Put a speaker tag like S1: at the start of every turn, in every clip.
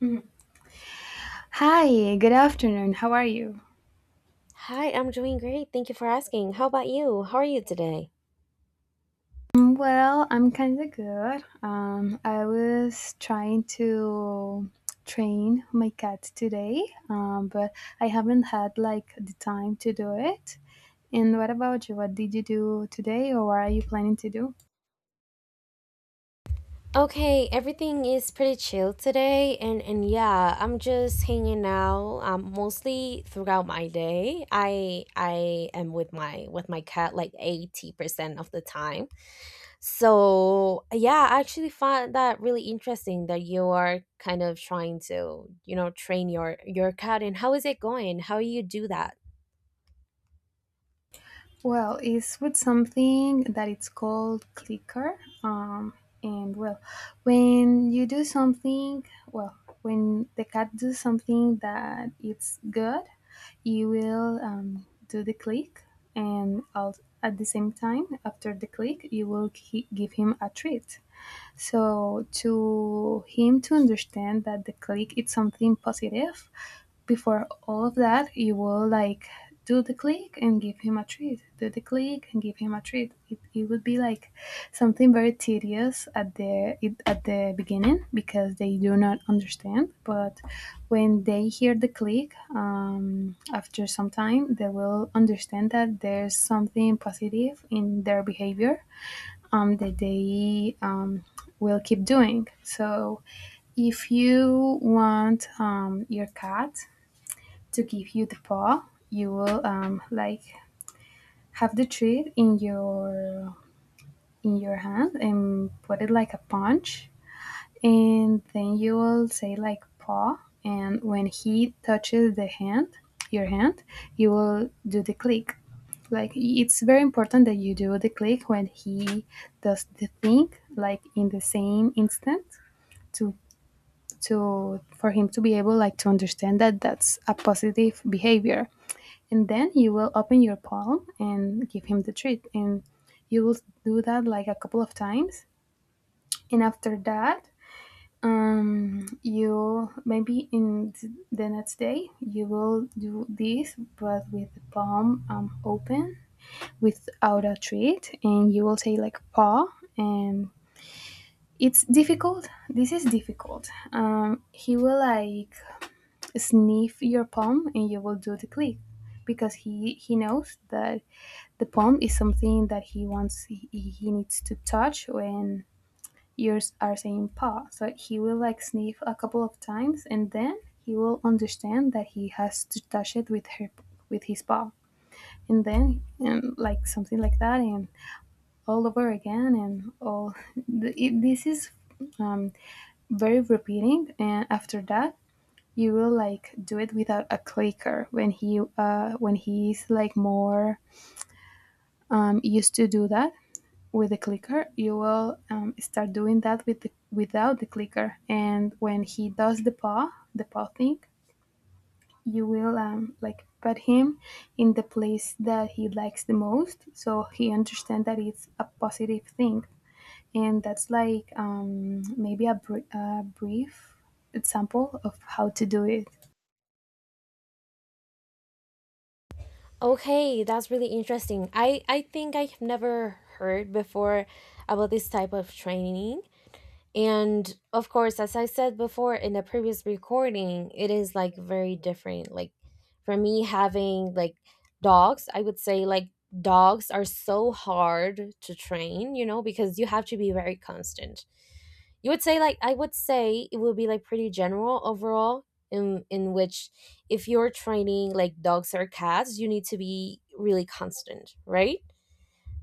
S1: Mhm. Hi, good afternoon. How are you?
S2: Hi, I'm doing great. Thank you for asking. How about you? How are you today?
S1: Well, I'm kind of good. I was trying to train my cat today, but I haven't had like the time to do it. And what about you? What did you do today, or what are you planning to do?
S2: Okay, everything is pretty chill today, and yeah, I'm just hanging out mostly throughout my day. I am with my cat like 80% of the time. So, yeah, I actually find that really interesting that you are kind of trying to, train your cat. And how is it going? How you do that?
S1: Well, it's with something that it's called clicker. And well, when you do something, well, when the cat does something that it's good, you will do the click, and at the same time, after the click, you will give him a treat. So to him to understand that the click it's something positive, before all of that, you will like do the click and give him a treat. Do the click and give him a treat. It would be like something very tedious at at the beginning because they do not understand. But when they hear the click, after some time, they will understand that there's something positive in their behavior that they will keep doing. So if you want your cat to give you the paw, you will like have the treat in your hand and put it like a punch, and then you will say like paw, and when he touches the hand, your hand, you will do the click. Like it's very important that you do the click when he does the thing like in the same instant to for him to be able like to understand that that's a positive behavior, and then you will open your palm and give him the treat, and you will do that like a couple of times. And after that, you maybe in the next day you will do this but with the palm open without a treat and you will say like paw, and it's difficult this is difficult. He will like sniff your palm and you will do the click because he knows that the palm is something that he wants. He needs to touch when yours are saying paw, so he will like sniff a couple of times, and then he will understand that he has to touch it with her with his paw. And then and like something like that, and all over again and all this is um, very repeating. And after that you will like do it without a clicker when he when he's like more used to do that with the clicker. You will start doing that with without the clicker, and when he does the paw thing, you will like pet him in the place that he likes the most so he understands that it's a positive thing. And that's like maybe a, a brief example of how to do it.
S2: Okay, that's really interesting. I think I have never heard before about this type of training. And of course, as I said before in the previous recording, it is like very different. Like for me, having like dogs, I would say like dogs are so hard to train, because you have to be very constant. You would say, like, I would say it would be like pretty general overall in which if you're training like dogs or cats, you need to be really constant, right?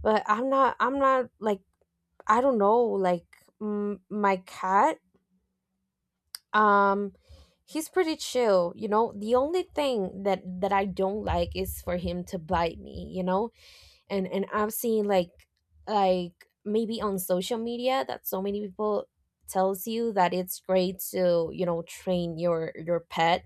S2: But I'm not like, I don't know, like, my cat, um he's pretty chill. You know, the only thing that I don't like is for him to bite me. And I've seen, like, maybe on social media that so many people tells you that it's great to, train your pet,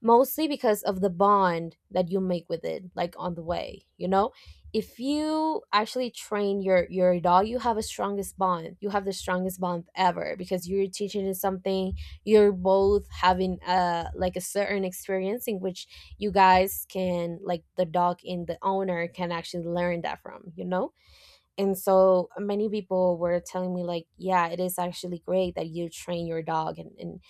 S2: mostly because of the bond that you make with it, like, on the way. If you actually train your dog, you have the strongest bond ever, because you're teaching it something. You're both having a certain experience in which you guys can, like, the dog and the owner can actually learn that from. And so, many people were telling me, like, yeah, it is actually great that you train your dog. and and,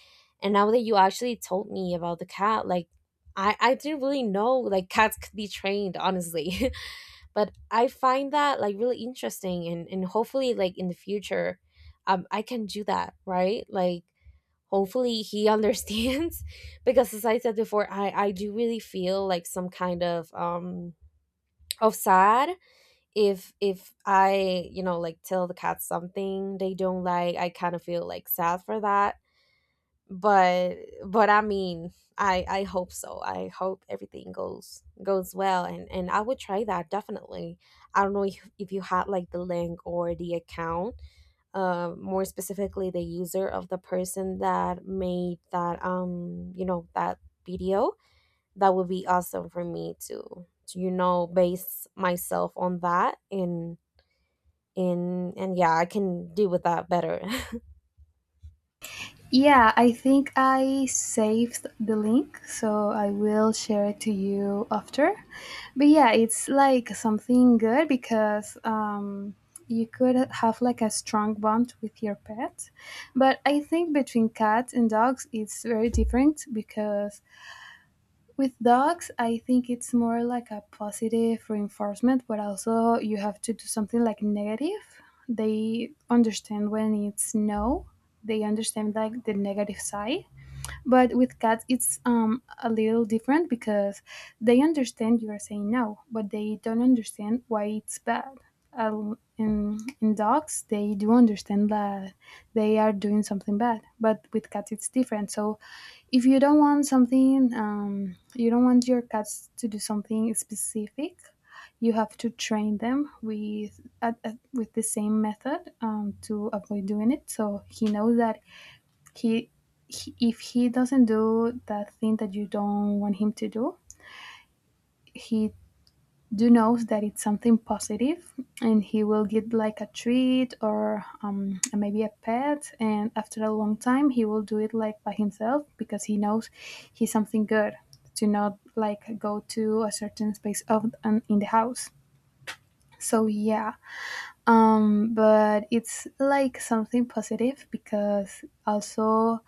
S2: and now that you actually told me about the cat, like, I didn't really know, like, cats could be trained, honestly. But I find that, like, really interesting, and hopefully, like, in the future, I can do that, right? Like, hopefully he understands, because as I said before, I do really feel, like, some kind of sad. If I, like, tell the cat something they don't like, I kind of feel, like, sad for that. But I mean, I hope so. I hope everything goes well, and I would try that, definitely. I don't know if you had, like, the link or the account, more specifically the user of the person that made that video. That would be awesome for me to base myself on that, and yeah, I can deal with that better.
S1: Yeah, I think I saved the link, so I will share it to you after. But yeah, it's like something good because you could have like a strong bond with your pet. But I think between cats and dogs, it's very different because with dogs, I think it's more like a positive reinforcement, but also you have to do something like negative. They understand when it's no, they understand like the negative side. But with cats, it's a little different because they understand you are saying no, but they don't understand why it's bad. In dogs, they do understand that they are doing something bad, but with cats, it's different. So if you don't want something, you don't want your cats to do something specific, you have to train them with with the same method to avoid doing it. So he knows that he, he, if he doesn't do that thing that you don't want him to do, he do knows that it's something positive, and he will get like a treat or maybe a pet. And after a long time he will do it like by himself because he knows he's something good, to not like go to a certain space of in the house. So yeah, but it's like something positive because also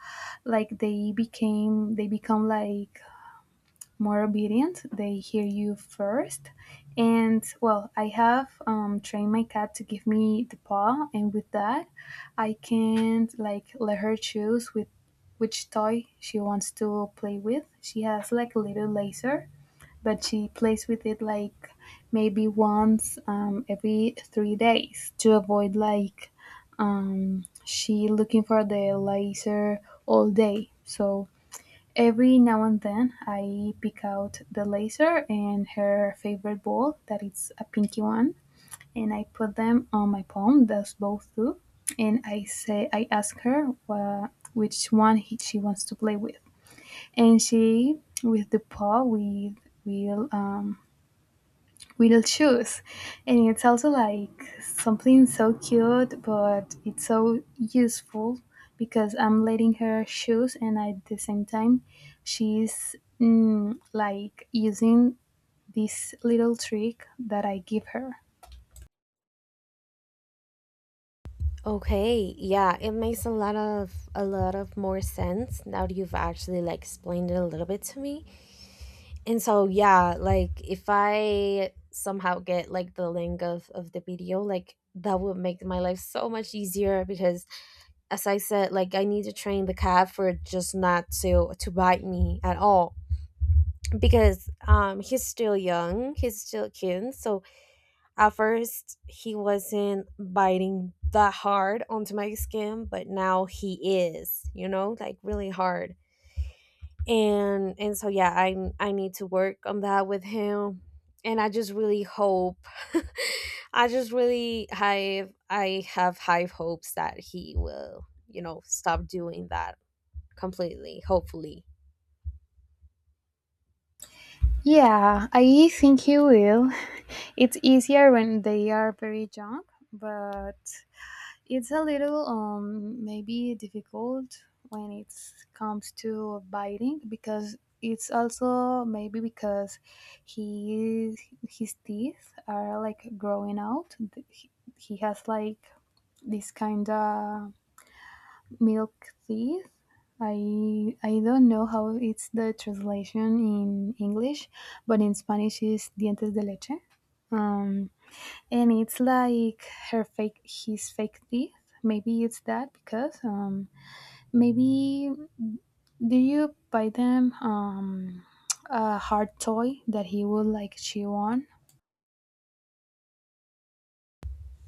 S1: like they become like more obedient, they hear you first. And well, I have trained my cat to give me the paw, and with that I can like let her choose with which toy she wants to play with. She has like a little laser, but she plays with it like maybe once every 3 days to avoid like she looking for the laser all day. So every now and then I pick out the laser and her favorite ball that it's a pinky one, and I put them on my palm. That's both do, and I say I ask her which one she wants to play with, and she with the paw we will um, will choose. And it's also like something so cute, but it's so useful because I'm letting her choose, and at the same time, she's like using this little trick that I give her.
S2: Okay, yeah, it makes a lot of more sense now that you've actually, like, explained it a little bit to me. And so, yeah, like, if I somehow get, like, the link of the video, like, that would make my life so much easier, because, as I said, like, I need to train the cat for just not to bite me at all. Because he's still young, he's still cute, so at first, he wasn't biting that hard onto my skin, but now he is, like, really hard. And so, yeah, I need to work on that with him. And I just really hope I just really have I have high hopes that he will, stop doing that completely, hopefully.
S1: Yeah, I think you will. It's easier when they are very young, but it's a little maybe difficult when it comes to biting because it's also maybe because he his teeth are like growing out. He, he has like this kind of milk teeth. I don't know how it's the translation in English, but in Spanish is dientes de leche. Um, and it's like her fake his fake teeth. Maybe it's that because maybe do you buy them a hard toy that he would like chew on?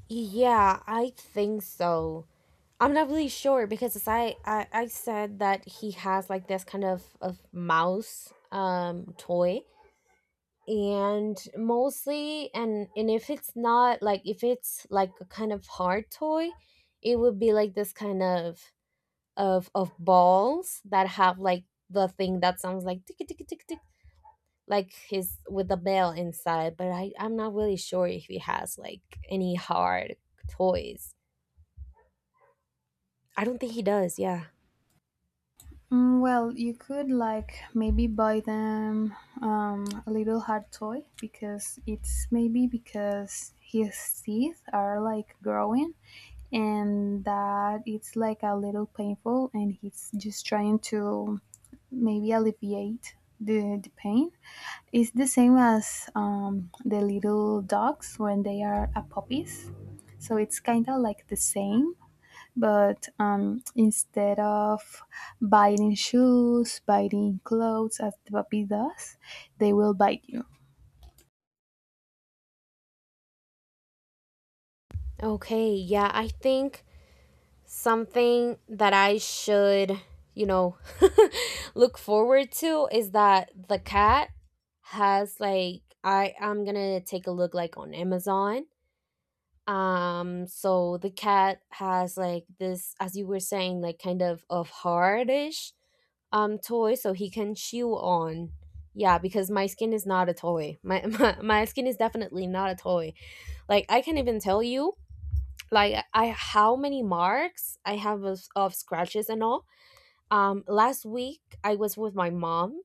S2: Yeah, I think so. I'm not really sure because, as I said, that he has, like, this kind of mouse toy, and mostly, and if it's like a kind of hard toy. It would be like this kind of balls that have, like, the thing that sounds like tick, tick, tick, tick, like his, with the bell inside, but I'm not really sure if he has, like, any hard toys. I don't think he does, yeah.
S1: Well, you could like maybe buy them a little hard toy because it's maybe because his teeth are like growing, and that it's like a little painful and he's just trying to maybe alleviate the pain. It's the same as the little dogs when they are a puppies. So it's kind of like the same, but instead of biting shoes, biting clothes as the puppy does, they will bite you.
S2: Okay, yeah, I think something that I should, you know, look forward to is that the cat has, like... I'm gonna take a look, like, on Amazon. So the cat has, like, this, as you were saying, like, kind of hardish toy, so he can chew on. Yeah, because my skin is not a toy. My skin is definitely not a toy. Like, I can even tell you, like, I how many marks I have of scratches and all. Last week I was with my mom,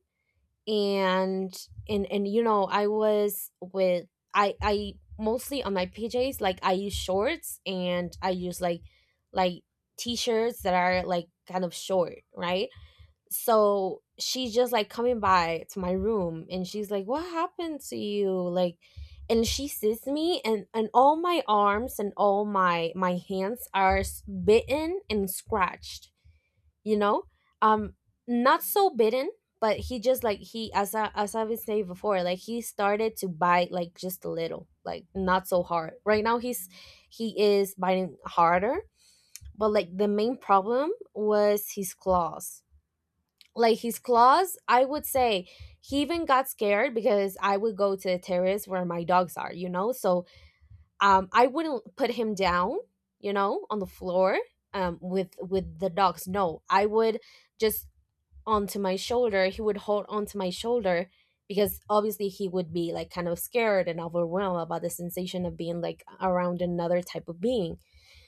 S2: and I was with I mostly on my pjs, like, I use shorts and I use, like, like t-shirts that are, like, kind of short, right? So she's just, like, coming by to my room, and she's like, what happened to you, like, and she sees me, and all my arms and all my hands are bitten and scratched you know um Not so bitten, but he just, like he as I was saying before, like, he started to bite, like, just a little, like, not so hard. Right now, he is biting harder. But, like, the main problem was his claws, like, his claws, I would say. He even got scared because I would go to the terrace where my dogs are, so, I wouldn't put him down, on the floor, with the dogs. No, I would just, onto my shoulder, he would hold onto my shoulder, because obviously he would be like kind of scared and overwhelmed about the sensation of being, like, around another type of being.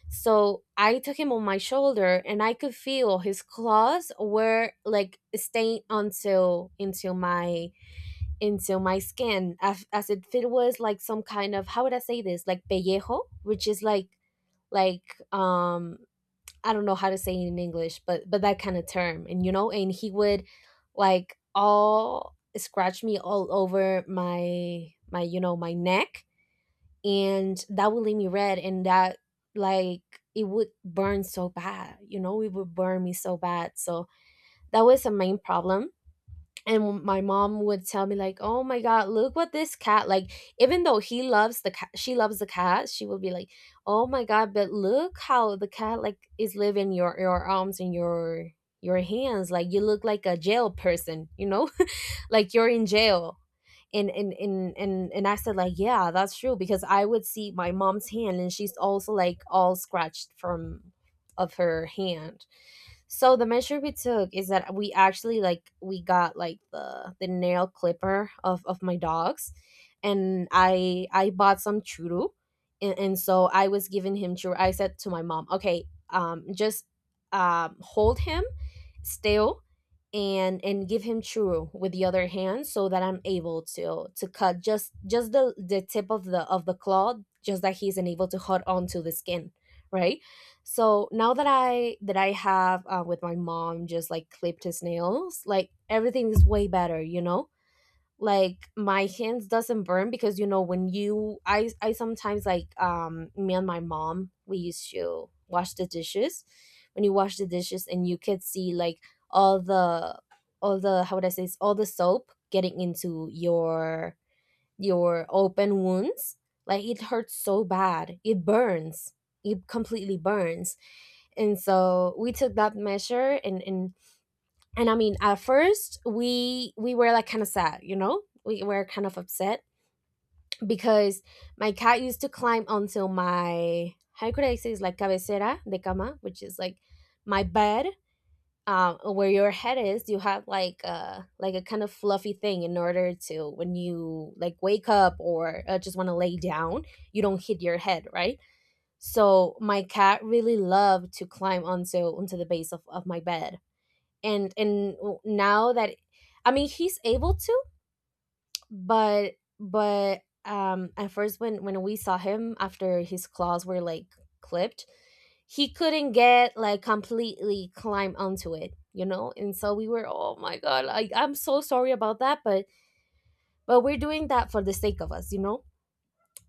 S2: So I took him on my shoulder and I could feel his claws were, like, staying until into my skin, as if it was like some kind of, how would I say this, like pellejo, which is, like, like um I don't know how to say it in English, but that kind of term. And, and he would, like, all scratch me all over my my you know my neck, and that would leave me red. And that, like, it would burn so bad, it would burn me so bad. So that was a main problem. And my mom would tell me, like, oh my god, look what this cat, like, even though he loves the cat she loves the cat, she would be like, oh my god, but look how the cat, like, is living your arms and your hands. Like, you look like a jail person, you know. Like, you're in jail. And I said, like, yeah, that's true, because I would see my mom's hand, and she's also, like, all scratched from of her hand. So the measure we took is that we actually, like, we got, like, the nail clipper of my dogs, and I bought some churu, and so I was giving him churu. I said to my mom, "Okay, just, hold him still, and give him churro with the other hand, so that I'm able to cut just the tip of the claw, just that he's unable to hold onto the skin, right?" So now that I have, with my mom, just, like, clipped his nails, like, everything is way better. Like, my hands doesn't burn, because, when you I sometimes, like, me and my mom, we used to wash the dishes. When you wash the dishes and you could see, like, all the all the how would I say this, all the soap getting into your open wounds, like, it hurts so bad, it burns, it completely burns. And so we took that measure, and I mean, at first we were, like, kind of sad, we were kind of upset, because my cat used to climb onto my, how could I say, it's like cabecera de cama, which is, like, my bed, where your head is. You have like a kind of fluffy thing in order to, when you, like, wake up or, just want to lay down, you don't hit your head, right? So my cat really loved to climb onto the base of my bed. And now that, I mean, he's able to, but but at first, when we saw him after his claws were, like, clipped, he couldn't get, like, completely climb onto it. And so we were, oh my god, I'm so sorry about that, but we're doing that for the sake of us,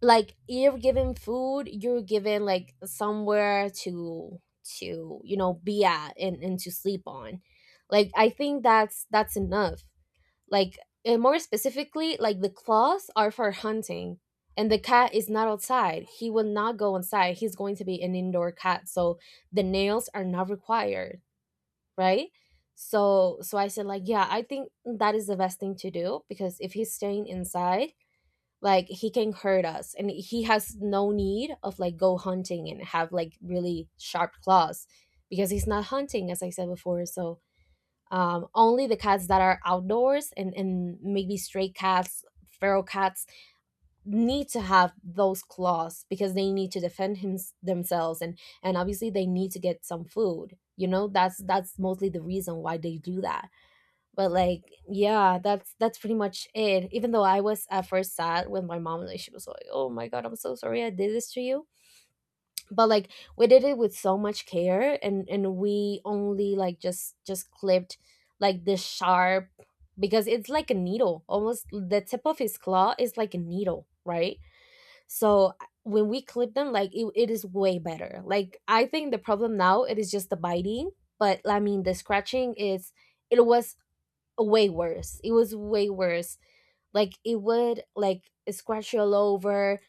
S2: like You're given food. You're given like somewhere to be at, and to sleep on. Like, I think that's enough. Like, and more specifically, like the claws are for hunting. And the cat is not outside. He will not go inside. He's going to be an indoor cat, so the nails are not required, right? So I said like, yeah, I think that is the best thing to do, because if he's staying inside, like, he can hurt us. And he has no need of like go hunting and have like really sharp claws, because he's not hunting, as I said before. So, only the cats that are outdoors, and maybe stray cats, feral cats, need to have those claws, because they need to defend themselves. And obviously they need to get some food, you know. That's mostly the reason why they do that. But like, yeah, that's pretty much it. Even though I was at first sad with my mom, like, she was like, oh my God, I'm so sorry I did this to you. But like, we did it with so much care. And we only like just clipped like the sharp, because it's like a needle almost. The tip of his claw is like a needle, right? So when we clip them, like it is way better. Like, I think the problem now, it is just the biting. But I mean, the scratching is it was way worse. It was way worse. Like, it would like scratch you all over.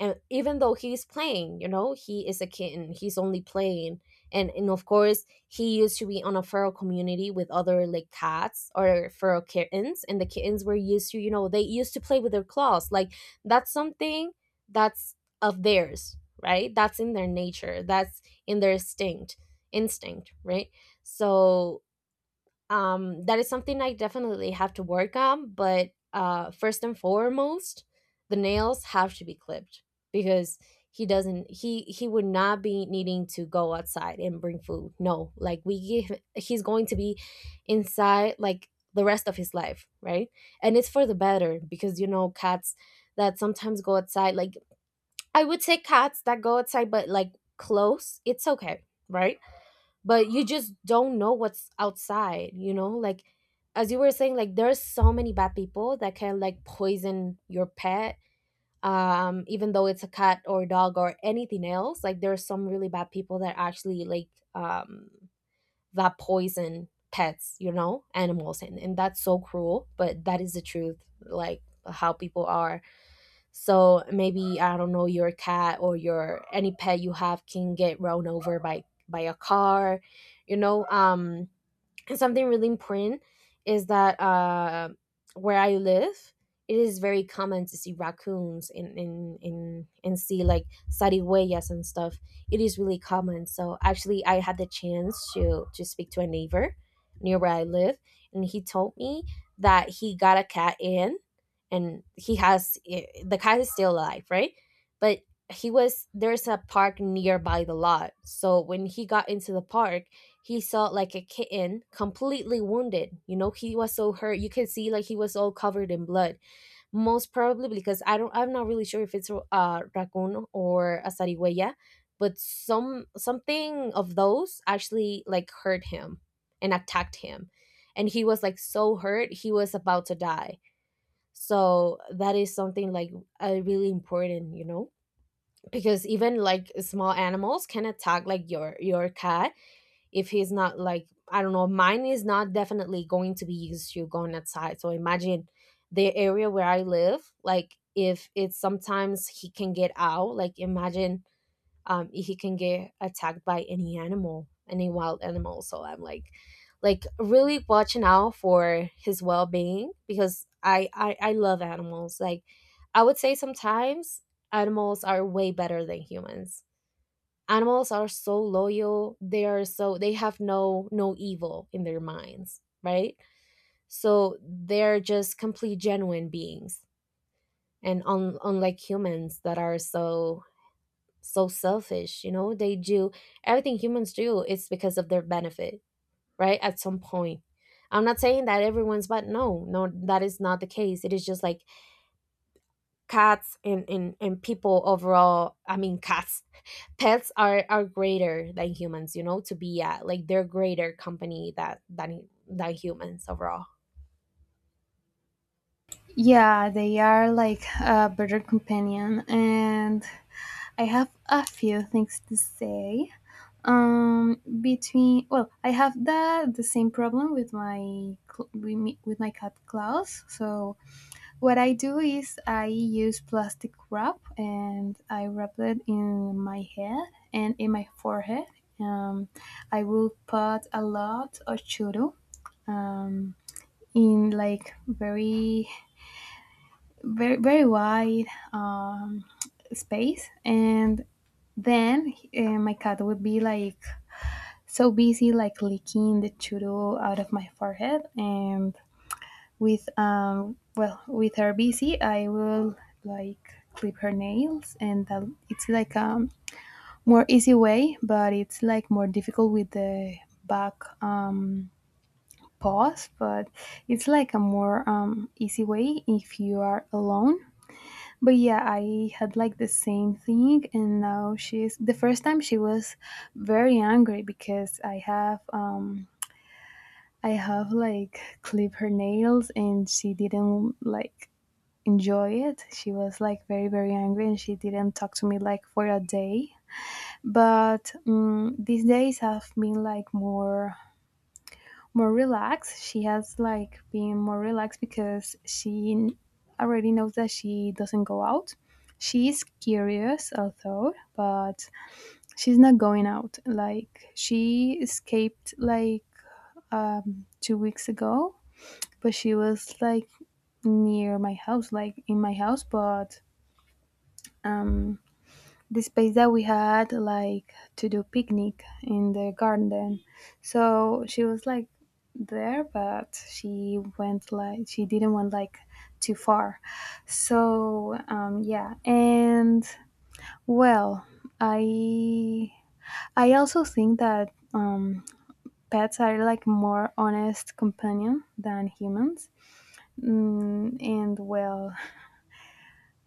S2: And even though he's playing, you know, he is a kitten. He's only playing. And of course, he used to be on a feral community with other like cats or feral kittens. And the kittens were used to, they used to play with their claws. Like, that's something, that's of theirs, right? That's in their nature. That's in their instinct, right? So, that is something I definitely have to work on. But first and foremost, the nails have to be clipped, because he doesn't. He would not be needing to go outside and bring food. No, like, we give. He's going to be inside like the rest of his life, right? And it's for the better, because you know cats that sometimes go outside. Like, I would say cats that go outside, but like close, it's okay, right? But you just don't know what's outside, you know, like as you were saying, like there's so many bad people that can like poison your pet. Even though it's a cat or a dog or anything else, like there's some really bad people that actually like, um that poison pets, you know, animals. And that's so cruel. But that is the truth, like how people are. So maybe, I don't know, your cat or your any pet you have can get run over by a car, you know. And something really important is that, where I live, it is very common to see raccoons in and see like sarigüeyas and stuff. It is really common. So actually, I had the chance to speak to a neighbor near where I live, and he told me that he got a cat in, and he has, the cat is still alive, right? But he was there's a park nearby the lot. So when he got into the park, he saw like a kitten completely wounded. You know, he was so hurt. You can see like he was all covered in blood. Most probably because I'm not really sure if it's a raccoon or a zarigüeya, but something of those actually like hurt him and attacked him. And he was like so hurt, he was about to die. So that is something like, really important, you know? Because even like small animals can attack like your cat, if he's not like, I don't know, mine is not definitely going to be used to going outside. So imagine the area where I live, like, if it's sometimes he can get out, like, imagine, if he can get attacked by any animal, any wild animal. So I'm like, really watching out for his well-being, because I love animals. Like, I would say sometimes animals are way better than humans. Animals are so loyal. They are so They have no evil in their minds, right? So they're just complete genuine beings. And unlike humans that are so selfish, you know. They do Everything humans do is because of their benefit, right? At some point, I'm not saying that everyone's, but no, no, that is not the case. It is just like cats and people overall. I mean, cats, pets are greater than humans, you know, to be at. Like, they're greater company that than humans overall.
S1: Yeah, they are like a better companion, and I have a few things to say. Between well, I have the same problem with my with with my cat Klaus, so what I do is I use plastic wrap and I wrap it in my head and in my forehead. Um, I will put a lot of churu um, in like very wide um, space, and then my cat would be like so busy like licking the churu out of my forehead. And with well, with her busy, I will like clip her nails, and that it's like more easy way, but it's like more difficult with the back um paws. But it's like a more easy way if you are alone. But yeah, I had like the same thing, and now she's the first time she was very angry because I have like clip her nails and she didn't like enjoy it. She was like very, very angry, and she didn't talk to me like for a day. But these days have been like more relaxed. She has like been more relaxed because already knows that she doesn't go out. She is curious, although, but she's not going out. Like she escaped like 2 weeks ago, but she was like near my house, like in my house, but um the space that we had like to do picnic in the garden, so she was like there, but she went like she didn't want like too far. So yeah, and well, i I also think that pets are like more honest companion than humans. And well,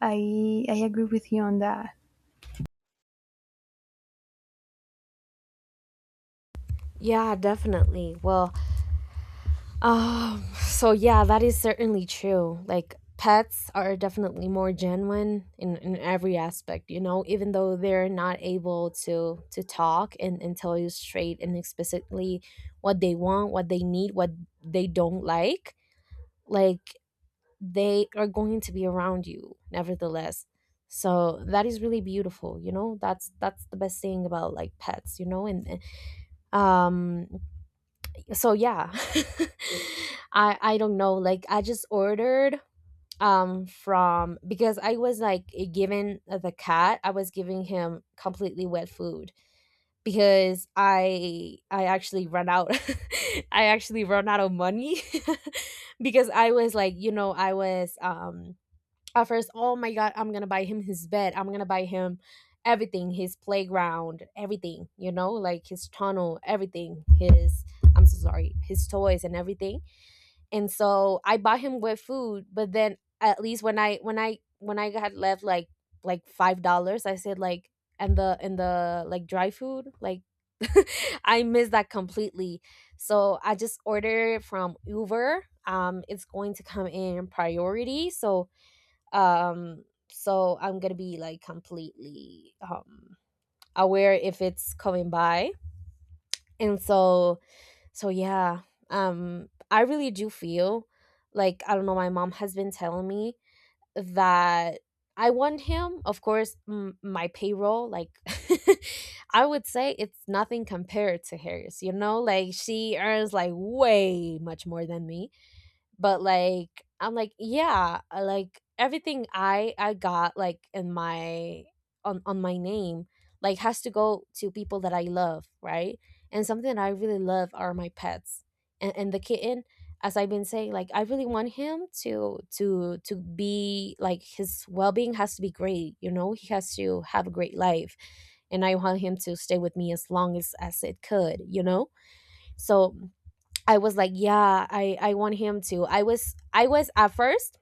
S1: I agree with you on that.
S2: Yeah, definitely. Well, so yeah, that is certainly true. Like, pets are definitely more genuine in every aspect, you know, even though they're not able to talk and tell you straight and explicitly what they want, what they need, what they don't like. Like, they are going to be around you nevertheless. So that is really beautiful, you know. That's the best thing about like pets, you know. And, um so yeah. I don't know. Like, I just ordered, from because I was like, given the cat, I was giving him completely wet food, because I actually ran out. I actually ran out of money. Because I was like, you know, I was, at first, oh my God, I'm gonna buy him his bed. I'm gonna buy him everything, his playground, everything, you know, like his tunnel, everything, his, I'm so sorry, his toys and everything. And so I bought him with food, but then at least when I had left, like, $5, I said like, and the like dry food, like, I missed that completely. So I just ordered from Uber. It's going to come in priority. So, um so I'm gonna be like completely, aware if it's coming by. And so, yeah. I really do feel like, I don't know, my mom has been telling me that I want him, of course. My payroll, like, I would say it's nothing compared to hers, you know, like she earns like way much more than me. But like, I'm like, yeah, I like everything I got, like, in my on my name, like, has to go to people that I love, right? And something I really love are my pets. And the kitten, as I've been saying, like, I really want him to be like, his well-being has to be great, you know. He has to have a great life. And I want him to stay with me as long as it could, you know. So, I was like, yeah, I want him to. I was at first,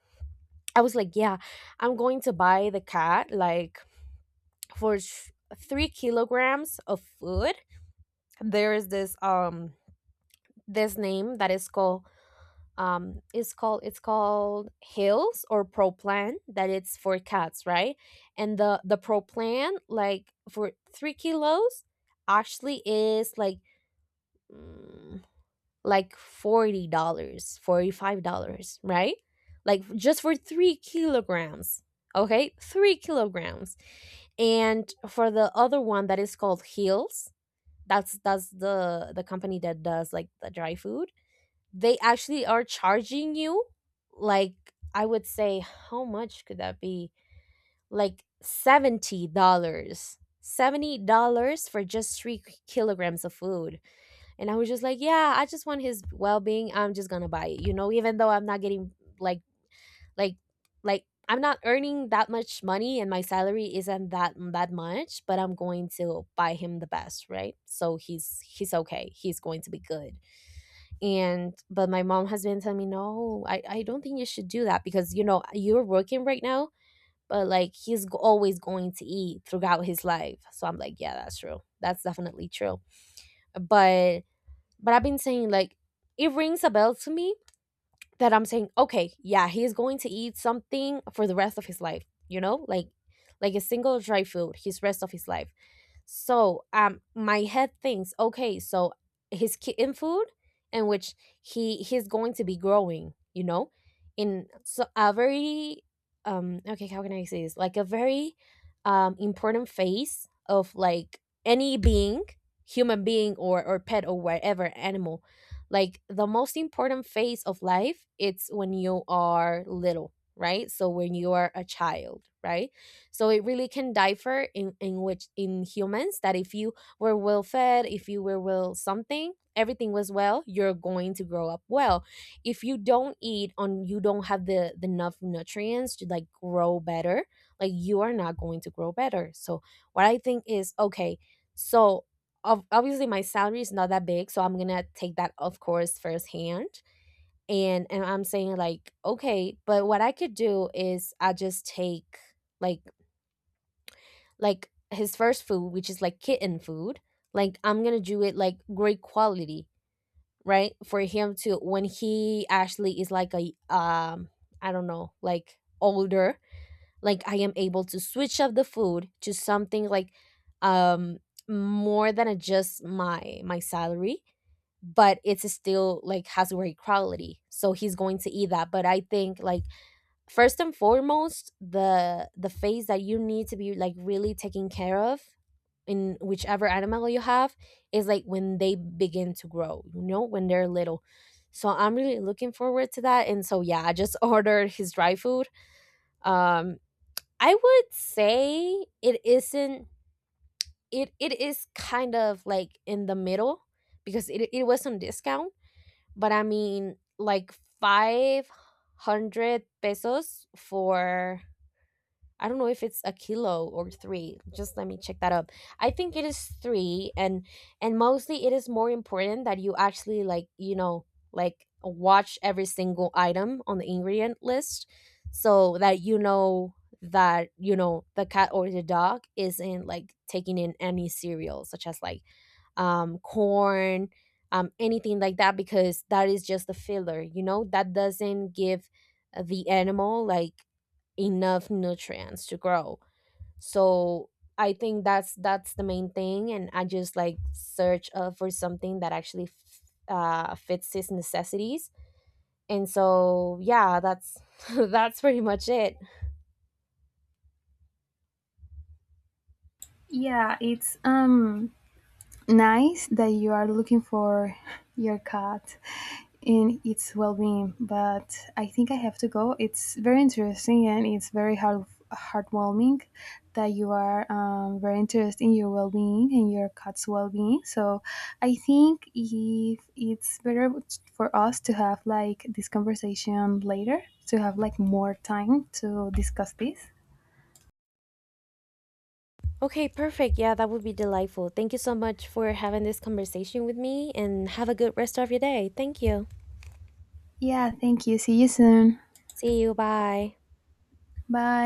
S2: I was like, yeah, I'm going to buy the cat like for 3 kilograms of food. There is this, this name that is called, it's called Hills or Pro Plan that it's for cats, right? And the Pro Plan like for 3 kilos actually is like, mm, like $40, dollars, $45, right? Like, just for 3 kilograms. Okay, 3 kilograms. And for the other one that is called Heels, that's the company that does like the dry food. They actually are charging you, like, I would say, how much could that be? Like $70, dollars, $70 for just 3 kilograms of food. And I was just like, yeah, I just want his well being. I'm just gonna buy it, you know, even though I'm not getting like, like I'm not earning that much money and my salary isn't that much, but I'm going to buy him the best, right? So he's okay. He's going to be good. And but my mom has been telling me, no, I don't think you should do that, because you know you're working right now, but like, he's always going to eat throughout his life. So I'm like, yeah, that's true. That's definitely true. But I've been saying like, it rings a bell to me that I'm saying, okay, yeah, he's going to eat something for the rest of his life, you know? Like, a single dry food his rest of his life. So, my head thinks, okay, so his kitten food, in which he's going to be growing, you know, in so a very, okay, how can I say this? Like a very, important phase of like any being, human being or pet, or whatever animal. Like, the most important phase of life, it's when you are little, right? So when you are a child, right? So it really can differ in which, in humans, that if you were well fed, if you were well something, everything was well, you're going to grow up well. If you don't eat on, you don't have the enough nutrients to like grow better, like, you are not going to grow better. So what I think is, okay, so obviously my salary is not that big, so I'm gonna take that, of course, firsthand. And I'm saying like, okay, but what I could do is I just take like like his first food, which is like kitten food, like, I'm gonna do it like great quality, right? For him to, when he actually is like a, I don't know, like older, like I am able to switch up the food to something like, um more than just my salary, but it's still like has great quality, so he's going to eat that. But I think, like, first and foremost, the phase that you need to be like really taking care of in whichever animal you have, is like when they begin to grow, you know, when they're little. So I'm really looking forward to that. And so yeah, I just ordered his dry food. Um I would say it isn't it is kind of like in the middle, because it was on discount, but I mean like 500 pesos for, I don't know if it's a kilo or three. Just let me check that up. I think it is three. And mostly it is more important that you actually like, you know, like watch every single item on the ingredient list, so that you know the cat or the dog isn't like taking in any cereal such as like, corn, anything like that, because that is just the filler, you know, that doesn't give the animal like enough nutrients to grow. So I think that's the main thing. And I just like search for something that actually fits his necessities. And so yeah, that's that's pretty much it.
S1: Yeah, it's nice that you are looking for your cat and its well-being, but I think I have to go. It's very interesting and it's very heartwarming that you are very interested in your well-being and your cat's well-being. So I think if it's better for us to have like this conversation later, to have like more time to discuss this.
S2: Okay, perfect. Yeah, that would be delightful. Thank you so much for having this conversation with me, and have a good rest of your day. Thank you,
S1: Yeah, thank you. See you soon.
S2: see you, bye.
S1: Bye.